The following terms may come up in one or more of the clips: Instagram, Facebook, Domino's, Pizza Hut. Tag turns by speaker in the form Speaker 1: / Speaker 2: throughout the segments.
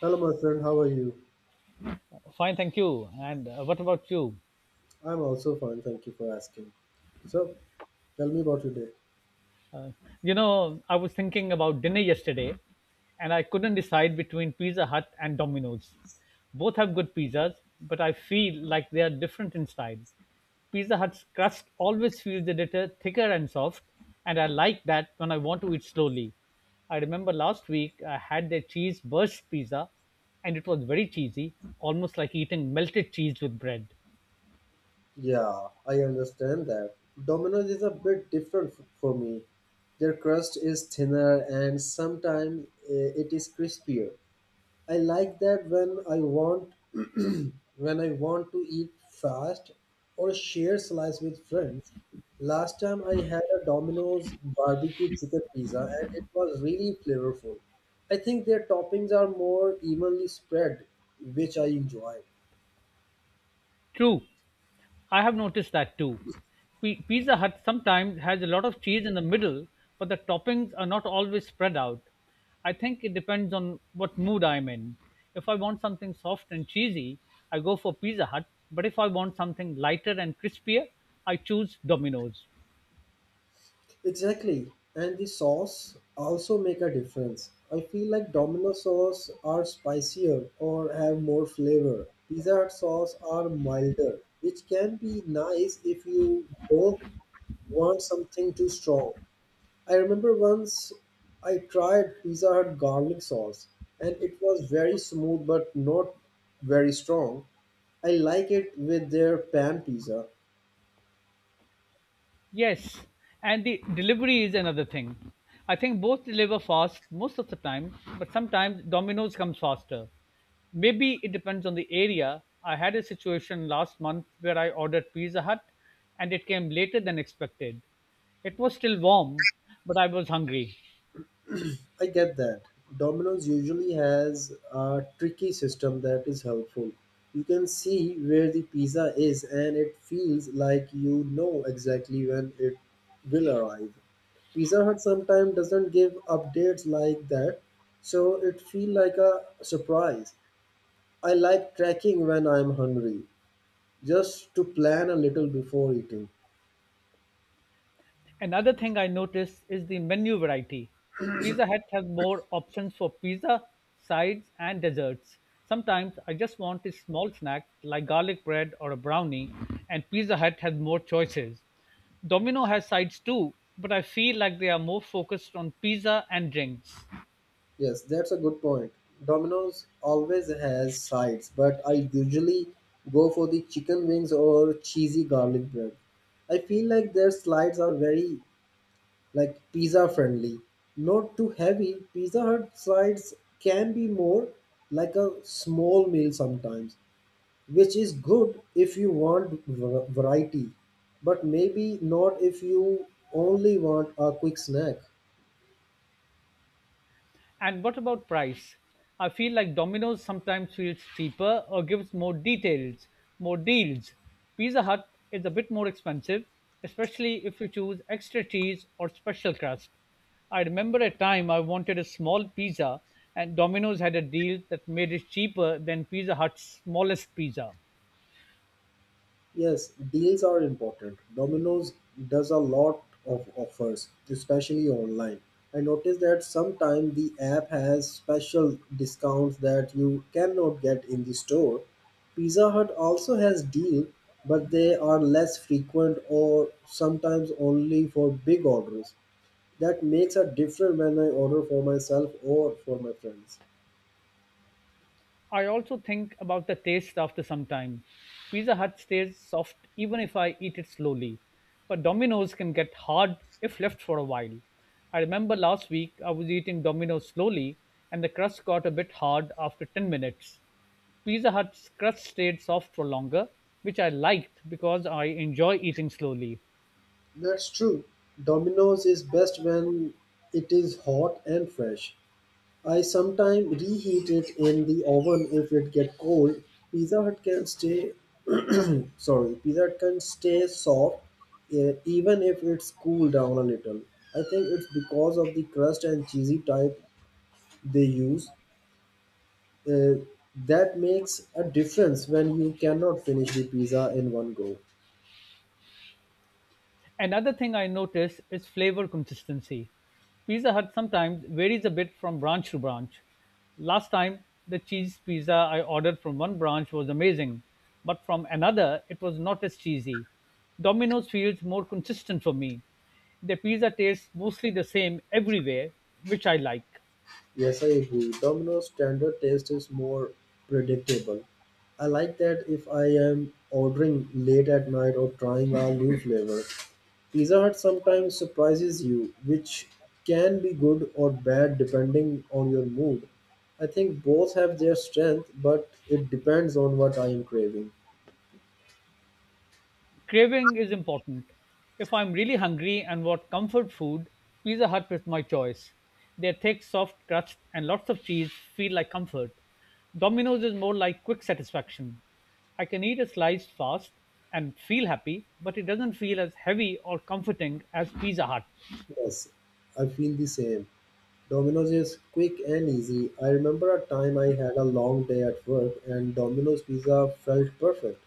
Speaker 1: Hello, my friend. How are you?
Speaker 2: Fine, thank you. And What about you?
Speaker 1: I'm also fine. Thank you for asking. So, tell me about your day.
Speaker 2: You know, I was thinking about dinner yesterday and I couldn't decide between Pizza Hut and Domino's. Both have good pizzas, but I feel like they are different in style. Pizza Hut's crust always feels a little thicker and soft, and I like that when I want to eat slowly. I remember last week I had their cheese burst pizza, and it was very cheesy, almost like eating melted cheese with bread.
Speaker 1: Yeah, I understand that. Domino's is a bit different for me. Their crust is thinner and sometimes it is crispier. I like that when I want when I want to eat fast or share slice with friends. Last time I had a Domino's barbecue chicken pizza and it was really flavorful. I think their toppings are more evenly spread, which I enjoy.
Speaker 2: True, I have noticed that too. Pizza Hut sometimes has a lot of cheese in the middle, but the toppings are not always spread out. I think it depends on what mood I'm in. If I want something soft and cheesy, I go for Pizza Hut, but if I want something lighter and crispier, I choose Domino's.
Speaker 1: Exactly, and the sauce also make a difference. I feel like Domino sauce are spicier or have more flavor. Pizza Hut sauce are milder, which can be nice if you don't want something too strong. I remember once I tried Pizza Hut garlic sauce, and it was very smooth but not very strong. I like it with their pan pizza.
Speaker 2: Yes, and the delivery is another thing. I think both deliver fast most of the time, but sometimes Domino's comes faster. Maybe it depends on the area. I had a situation last month where I ordered Pizza Hut and it came later than expected. It was still warm, but I was hungry.
Speaker 1: I get that. Domino's usually has a tricky system that is helpful. You can see where the pizza is, and it feels like you know exactly when it will arrive. Pizza Hut sometimes doesn't give updates like that, so it feels like a surprise. I like tracking when I'm hungry, just to plan a little before eating.
Speaker 2: Another thing I noticed is the menu variety. Pizza Hut has more options for pizza, sides, and desserts. Sometimes I just want a small snack like garlic bread or a brownie, and Pizza Hut has more choices. Domino has sides too, but I feel like they are more focused on pizza and drinks.
Speaker 1: Yes, that's a good point. Domino's always has sides, but I usually go for the chicken wings or cheesy garlic bread. I feel like their slides are very like pizza friendly, not too heavy. Pizza Hut slides can be more like a small meal sometimes, which is good if you want variety, but maybe not if you only want a quick snack.
Speaker 2: And what about price? I feel like Domino's sometimes feels cheaper or gives more details, more deals. Pizza Hut is a bit more expensive, especially if you choose extra cheese or special crust. I remember a time I wanted a small pizza and Domino's had a deal that made it cheaper than Pizza Hut's smallest pizza.
Speaker 1: Yes, deals are important. Domino's does a lot of offers, especially online. I noticed that sometimes the app has special discounts that you cannot get in the store. Pizza Hut also has deal, but they are less frequent or sometimes only for big orders. That makes a difference when I order for myself or for my friends.
Speaker 2: I also think about the taste after some time. Pizza Hut stays soft even if I eat it slowly, but Domino's can get hard if left for a while. I remember last week I was eating Domino's slowly and the crust got a bit hard after 10 minutes. Pizza Hut's crust stayed soft for longer, which I liked because I enjoy eating slowly.
Speaker 1: That's true. Domino's is best when it is hot and fresh. I sometimes reheat it in the oven if it get cold. Pizza Hut can stay sorry, Pizza Hut can stay soft even if it's cooled down a little. I think it's because of the crust and cheesy type they use. eh, that makes a difference when you cannot finish the pizza in one go.
Speaker 2: Another thing I notice is flavor consistency. Pizza Hut sometimes varies a bit from branch to branch. Last time, the cheese pizza I ordered from one branch was amazing, but from another, it was not as cheesy. Domino's feels more consistent for me. Their pizza tastes mostly the same everywhere, which I like.
Speaker 1: Yes, I agree. Domino's standard taste is more predictable. I like that if I am ordering late at night or trying a new flavor. Pizza Hut sometimes surprises you, which can be good or bad depending on your mood. I think both have their strength, but it depends on what I am craving.
Speaker 2: Craving is important. If I'm really hungry and want comfort food, Pizza Hut is my choice. Their thick, soft crust and lots of cheese feel like comfort. Domino's is more like quick satisfaction. I can eat a slice fast and feel happy, but it doesn't feel as heavy or comforting as Pizza Hut.
Speaker 1: Yes, I feel the same. Domino's is quick and easy. I remember a time I had a long day at work and Domino's pizza felt perfect.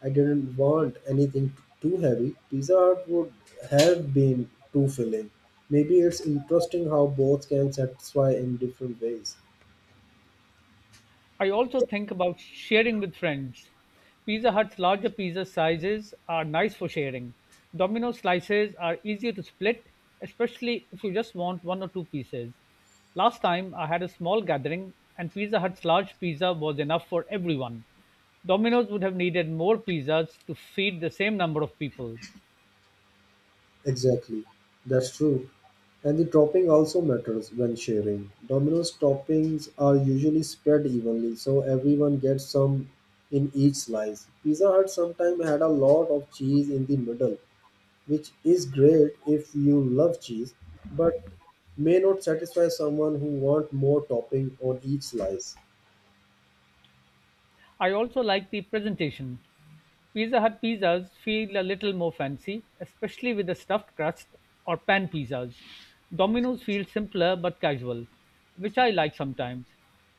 Speaker 1: I didn't want anything too heavy. Pizza Hut would have been too filling. Maybe it's interesting how both can satisfy in different ways.
Speaker 2: I also think about sharing with friends. Pizza Hut's larger pizza sizes are nice for sharing. Domino slices are easier to split, especially if you just want one or two pieces. Last time I had a small gathering, and Pizza Hut's large pizza was enough for everyone. Domino's would have needed more pizzas to feed the same number of people.
Speaker 1: Exactly, that's true. And the topping also matters when sharing. Domino's toppings are usually spread evenly, so everyone gets some in each slice. Pizza Hut sometimes had a lot of cheese in the middle, which is great if you love cheese, but may not satisfy someone who want more topping on each slice.
Speaker 2: I also like the presentation. Pizza Hut pizzas feel a little more fancy, especially with the stuffed crust or pan pizzas. Domino's feels simpler but casual, which I like sometimes.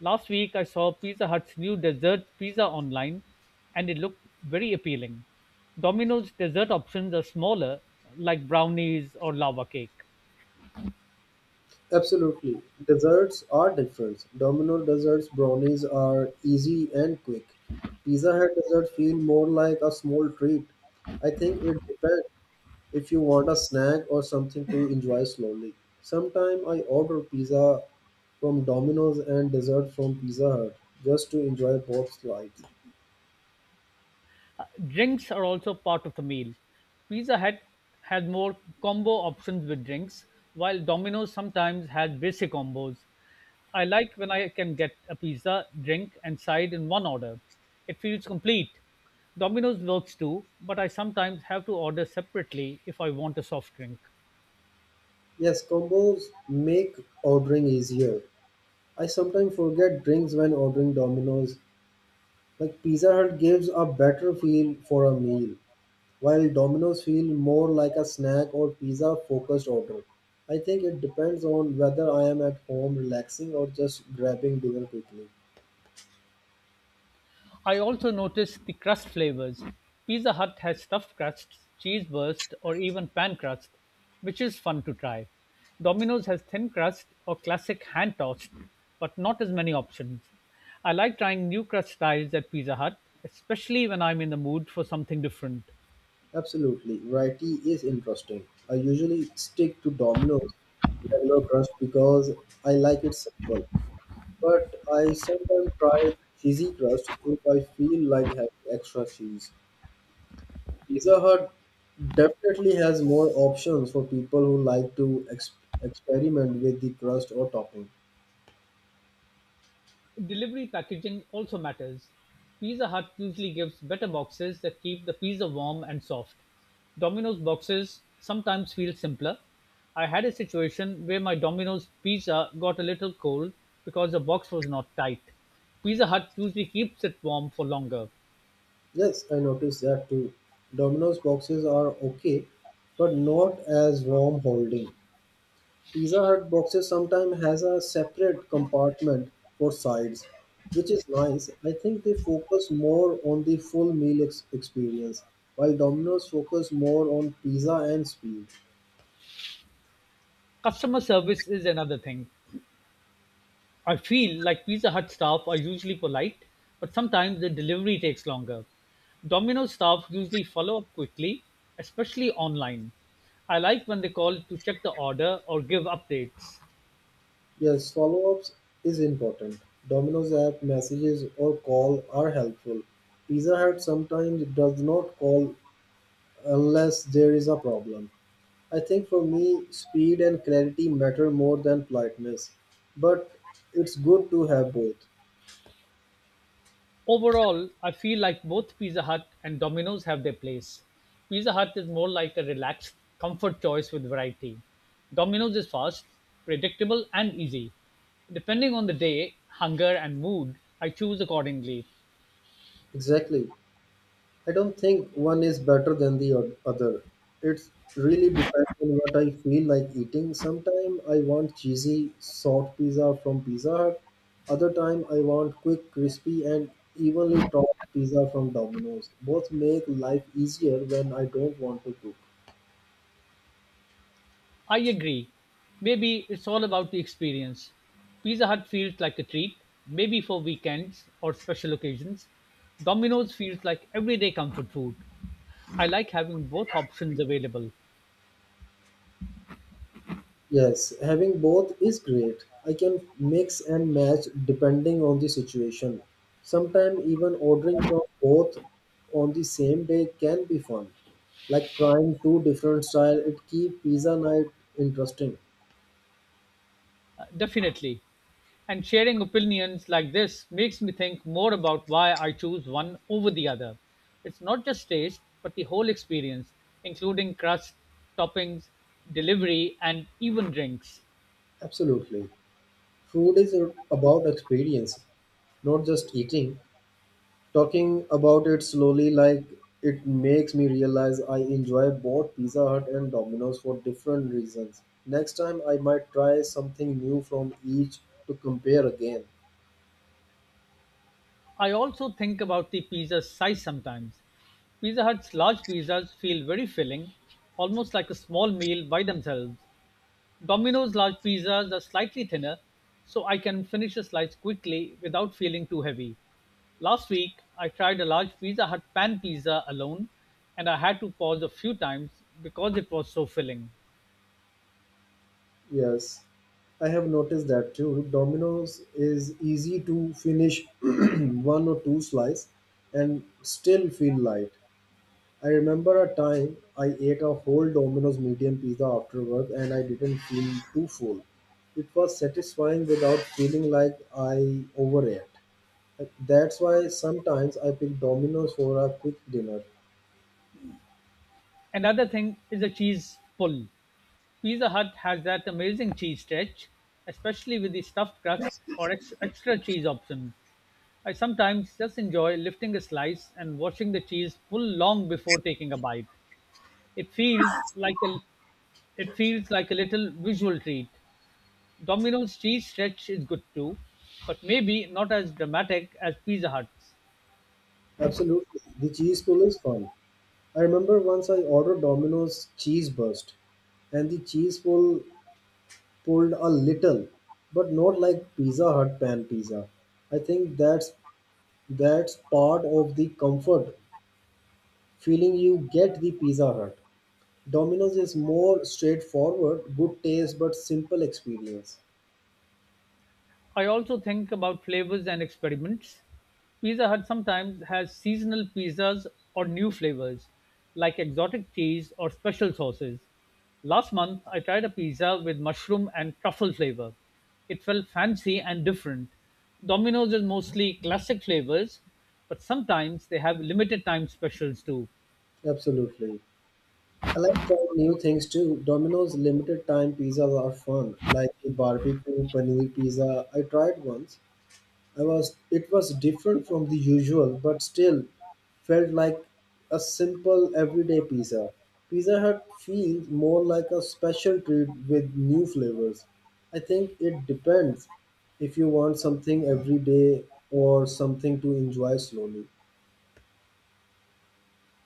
Speaker 2: Last week I saw Pizza Hut's new dessert pizza online and it looked very appealing. Domino's dessert options are smaller, like brownies or lava cake.
Speaker 1: Absolutely. Desserts are different. Domino desserts brownies are easy and quick. Pizza Hut desserts feel more like a small treat. I think it depends if you want a snack or something to enjoy slowly. Sometimes I order pizza from Domino's and dessert from Pizza Hut just to enjoy both sides.
Speaker 2: Drinks are also part of the meal. Pizza Hut had more combo options with drinks, while Domino's sometimes had basic combos. I like when I can get a pizza, drink, and side in one order. It feels complete. Domino's works too, but I sometimes have to order separately if I want a soft drink.
Speaker 1: Yes, combos make ordering easier. I sometimes forget drinks when ordering Domino's. Like Pizza Hut gives a better feel for a meal. While Domino's feel more like a snack or pizza focused order, I think it depends on whether I am at home relaxing or just grabbing dinner quickly.
Speaker 2: I also noticed the crust flavors. Pizza Hut has stuffed crusts, cheese burst, or even pan crust, which is fun to try. Domino's has thin crust or classic hand tossed, but not as many options. I like trying new crust styles at Pizza Hut, especially when I'm in the mood for something different.
Speaker 1: Absolutely, variety is interesting. I usually stick to Domino's regular crust because I like it simple, but I sometimes try cheesy crust if I feel like having extra cheese. Pizza Hut definitely has more options for people who like to experiment with the crust or topping.
Speaker 2: Delivery packaging also matters. Pizza Hut usually gives better boxes that keep the pizza warm and soft. Domino's boxes sometimes feel simpler. I had a situation where my Domino's pizza got a little cold because the box was not tight. Pizza Hut usually keeps it warm for longer.
Speaker 1: Yes, I noticed that too. Domino's boxes are okay, but not as warm holding. Pizza Hut boxes sometimes has a separate compartment for sides, which is nice. I think they focus more on the full meal experience, while Domino's focus more on pizza and speed.
Speaker 2: Customer service is another thing. I feel like Pizza Hut staff are usually polite, but sometimes the delivery takes longer. Domino's staff usually follow up quickly, especially online. I like when they call to check the order or give updates.
Speaker 1: Yes, follow-ups is important. Domino's app messages or call are helpful. Pizza Hut sometimes does not call unless there is a problem. I think for me, speed and clarity matter more than politeness, but it's good to have both.
Speaker 2: Overall, I feel like both Pizza Hut and Domino's have their place. Pizza Hut is more like a relaxed comfort choice with variety. Domino's is fast, predictable, and easy. Depending on the day, hunger, and mood, I choose accordingly.
Speaker 1: Exactly. I don't think one is better than the other. It really depends on what I feel like eating. Sometimes I want cheesy, soft pizza from Pizza Hut. Other time I want quick, crispy, and evenly topped pizza from Domino's. Both make life easier when I don't want to cook.
Speaker 2: I agree. Maybe it's all about the experience. Pizza Hut feels like a treat, maybe for weekends or special occasions. Domino's feels like everyday comfort food. I like having both options available.
Speaker 1: Yes, having both is great. I can mix and match depending on the situation. Sometimes even ordering from both on the same day can be fun. Like trying two different style, it keep pizza night interesting.
Speaker 2: Definitely. And sharing opinions like this makes me think more about why I choose one over the other. It's not just taste, but the whole experience, including crust, toppings, delivery, and even drinks.
Speaker 1: Absolutely. Food is about experience, not just eating. Talking about it slowly, like it makes me realize I enjoy both Pizza Hut and Domino's for different reasons. Next time, I might try something new from each to compare again.
Speaker 2: I also think about the pizza size sometimes. Pizza Hut's large pizzas feel very filling, almost like a small meal by themselves. Domino's large pizzas are slightly thinner, so I can finish a slice quickly without feeling too heavy. Last week, I tried a large Pizza Hut pan pizza alone, and I had to pause a few times because it was so filling.
Speaker 1: Yes, I have noticed that too. Domino's is easy to finish one or two slice and still feel light. I remember a time I ate a whole Domino's medium pizza after work and I didn't feel too full. It was satisfying without feeling like I overate. That's why sometimes I pick Domino's for a quick dinner.
Speaker 2: Another thing is the cheese pull. Pizza Hut has that amazing cheese stretch, especially with the stuffed crust or extra cheese option. I sometimes just enjoy lifting a slice and watching the cheese pull long before taking a bite. It feels like a it feels like a little visual treat. Domino's cheese stretch is good too, but maybe not as dramatic as Pizza Hut's.
Speaker 1: Absolutely. The cheese pull is fun. I remember once I ordered Domino's cheese burst and the cheese pull pulled a little, but not like Pizza Hut pan pizza. I think that's part of the comfort feeling you get the Pizza Hut. Domino's is more straightforward, good taste, but simple experience.
Speaker 2: I also think about flavors and experiments. Pizza Hut sometimes has seasonal pizzas or new flavors, like exotic cheese or special sauces. Last month, I tried a pizza with mushroom and truffle flavor. It felt fancy and different. Domino's is mostly classic flavors, but sometimes they have limited time specials too.
Speaker 1: Absolutely. I like trying new things too. Domino's limited time pizzas are fun, like the barbecue paneer pizza I tried once. I was it was different from the usual, but still felt like a simple everyday pizza. Pizza Hut feels more like a special treat with new flavors. I think it depends if you want something every day or something to enjoy slowly.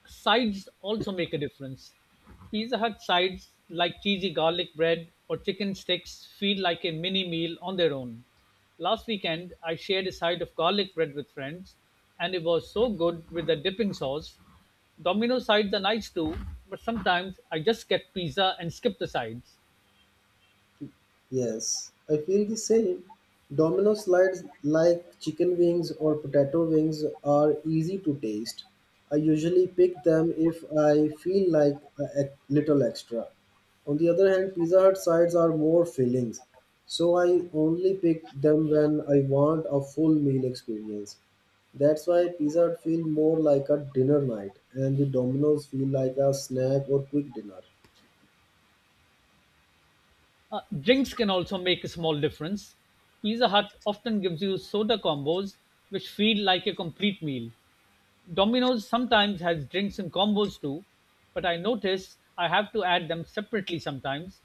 Speaker 2: Sides also make a difference. Pizza Hut sides like cheesy garlic bread or chicken sticks feel like a mini meal on their own. Last weekend, I shared a side of garlic bread with friends, and it was so good with the dipping sauce. Domino sides are nice too, but sometimes I just get pizza and skip the sides.
Speaker 1: Yes, I feel the same. Domino slides like chicken wings or potato wings are easy to taste. I usually pick them if I feel like a little extra. On the other hand, Pizza Hut sides are more fillings, so I only pick them when I want a full meal experience. That's why Pizza Hut feel more like a dinner night and the Domino's feel like a snack or quick dinner.
Speaker 2: Drinks can also make a small difference. Pizza Hut often gives you soda combos which feel like a complete meal. Domino's sometimes has drinks in combos too, but I notice I have to add them separately sometimes.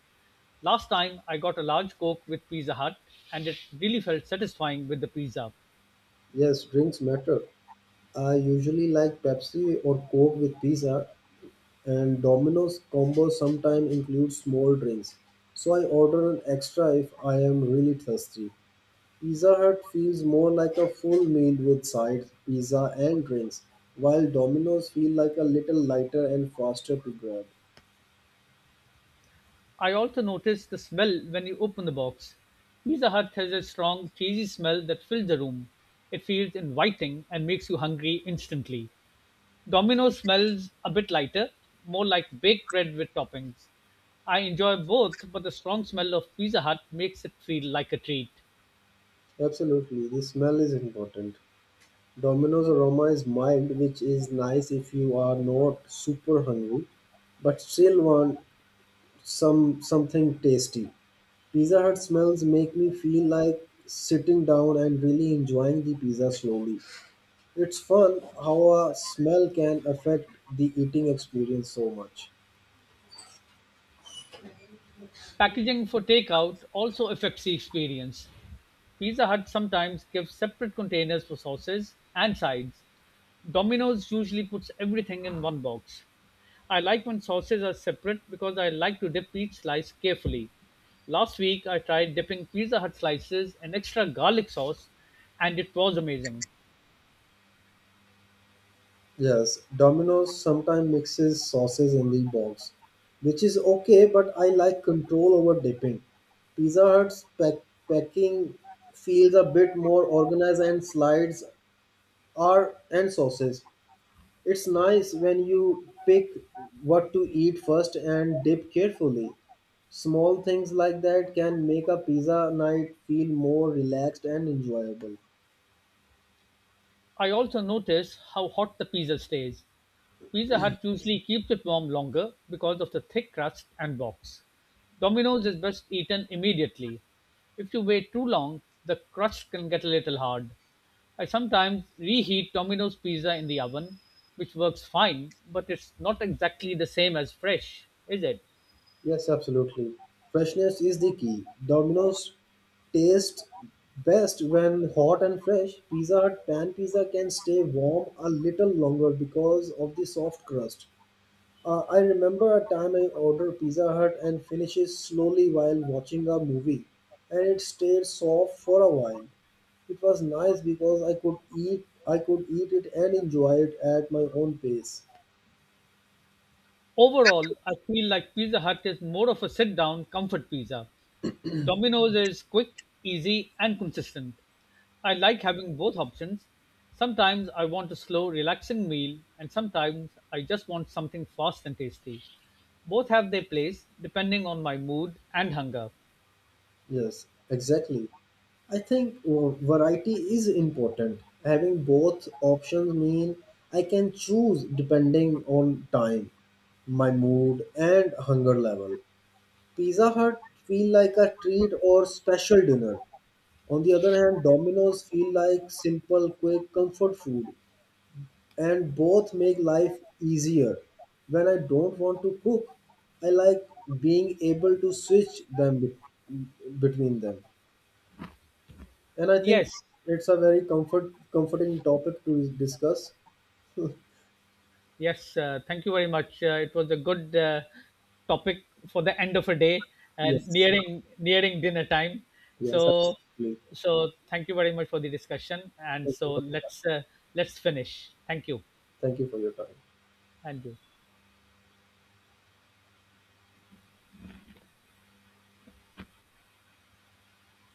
Speaker 2: Last time I got a large Coke with Pizza Hut and it really felt satisfying with the pizza.
Speaker 1: Yes, drinks matter. I usually like Pepsi or Coke with pizza, and Domino's combo sometimes includes small drinks. So I order an extra if I am really thirsty. Pizza Hut feels more like a full meal with sides, pizza, and drinks, while Domino's feel like a little lighter and faster to grab.
Speaker 2: I also noticed the smell when you open the box. Pizza Hut has a strong, cheesy smell that fills the room. It feels inviting and makes you hungry instantly. Domino's smells a bit lighter, more like baked bread with toppings. I enjoy both, but the strong smell of Pizza Hut makes it feel like a treat.
Speaker 1: Absolutely, the smell is important. Domino's aroma is mild, which is nice if you are not super hungry, but still want something tasty. Pizza Hut smells make me feel like sitting down and really enjoying the pizza slowly. It's fun how a smell can affect the eating experience so much.
Speaker 2: Packaging for takeout also affects the experience. Pizza Hut sometimes gives separate containers for sauces and sides. Domino's usually puts everything in one box. I like when sauces are separate because I like to dip each slice carefully. Last week I tried dipping Pizza Hut slices in extra garlic sauce and it was amazing.
Speaker 1: Yes, Domino's sometimes mixes sauces in the box, which is okay, but I like control over dipping. Pizza Hut's packing feels a bit more organized and slides are and sauces. It's nice when you pick what to eat first and dip carefully. Small things like that can make a pizza night feel more relaxed and enjoyable.
Speaker 2: I also notice how hot the pizza stays. Pizza Hut usually keeps it warm longer because of the thick crust and box. Domino's is best eaten immediately. If you wait too long, the crust can get a little hard. I sometimes reheat Domino's pizza in the oven, which works fine, but it's not exactly the same as fresh, is it?
Speaker 1: Yes, absolutely. Freshness is the key. Domino's taste best when hot and fresh. Pizza Hut pan pizza can stay warm a little longer because of the soft crust. I remember a time I ordered Pizza Hut and finished it slowly while watching a movie, and it stayed soft for a while. It was nice because I could eat it and enjoy it at my own pace.
Speaker 2: Overall, I feel like Pizza Hut is more of a sit down comfort pizza. Domino's is quick, easy, and consistent. I like having both options. Sometimes I want a slow, relaxing meal, and sometimes I just want something fast and tasty. Both have their place depending on my mood and hunger.
Speaker 1: Yes, exactly. I think variety is important. Having both options mean I can choose depending on time, my mood, and hunger level. Pizza Hut feel like a treat or special dinner. On the other hand, dominoes feel like simple, quick comfort food, and both make life easier. When I don't want to cook, I like being able to switch them between them. And I think
Speaker 2: Yes,
Speaker 1: it's a very comforting topic to discuss.
Speaker 2: yes, thank you very much. It was a good topic for the end of a day and
Speaker 1: Yes,
Speaker 2: nearing dinner time.
Speaker 1: yes,
Speaker 2: So,
Speaker 1: absolutely.
Speaker 2: so thank you very much for the discussion. And
Speaker 1: Thank you
Speaker 2: so
Speaker 1: for,
Speaker 2: let's Let's finish. Thank you,
Speaker 1: Thank you for your time.
Speaker 2: and you.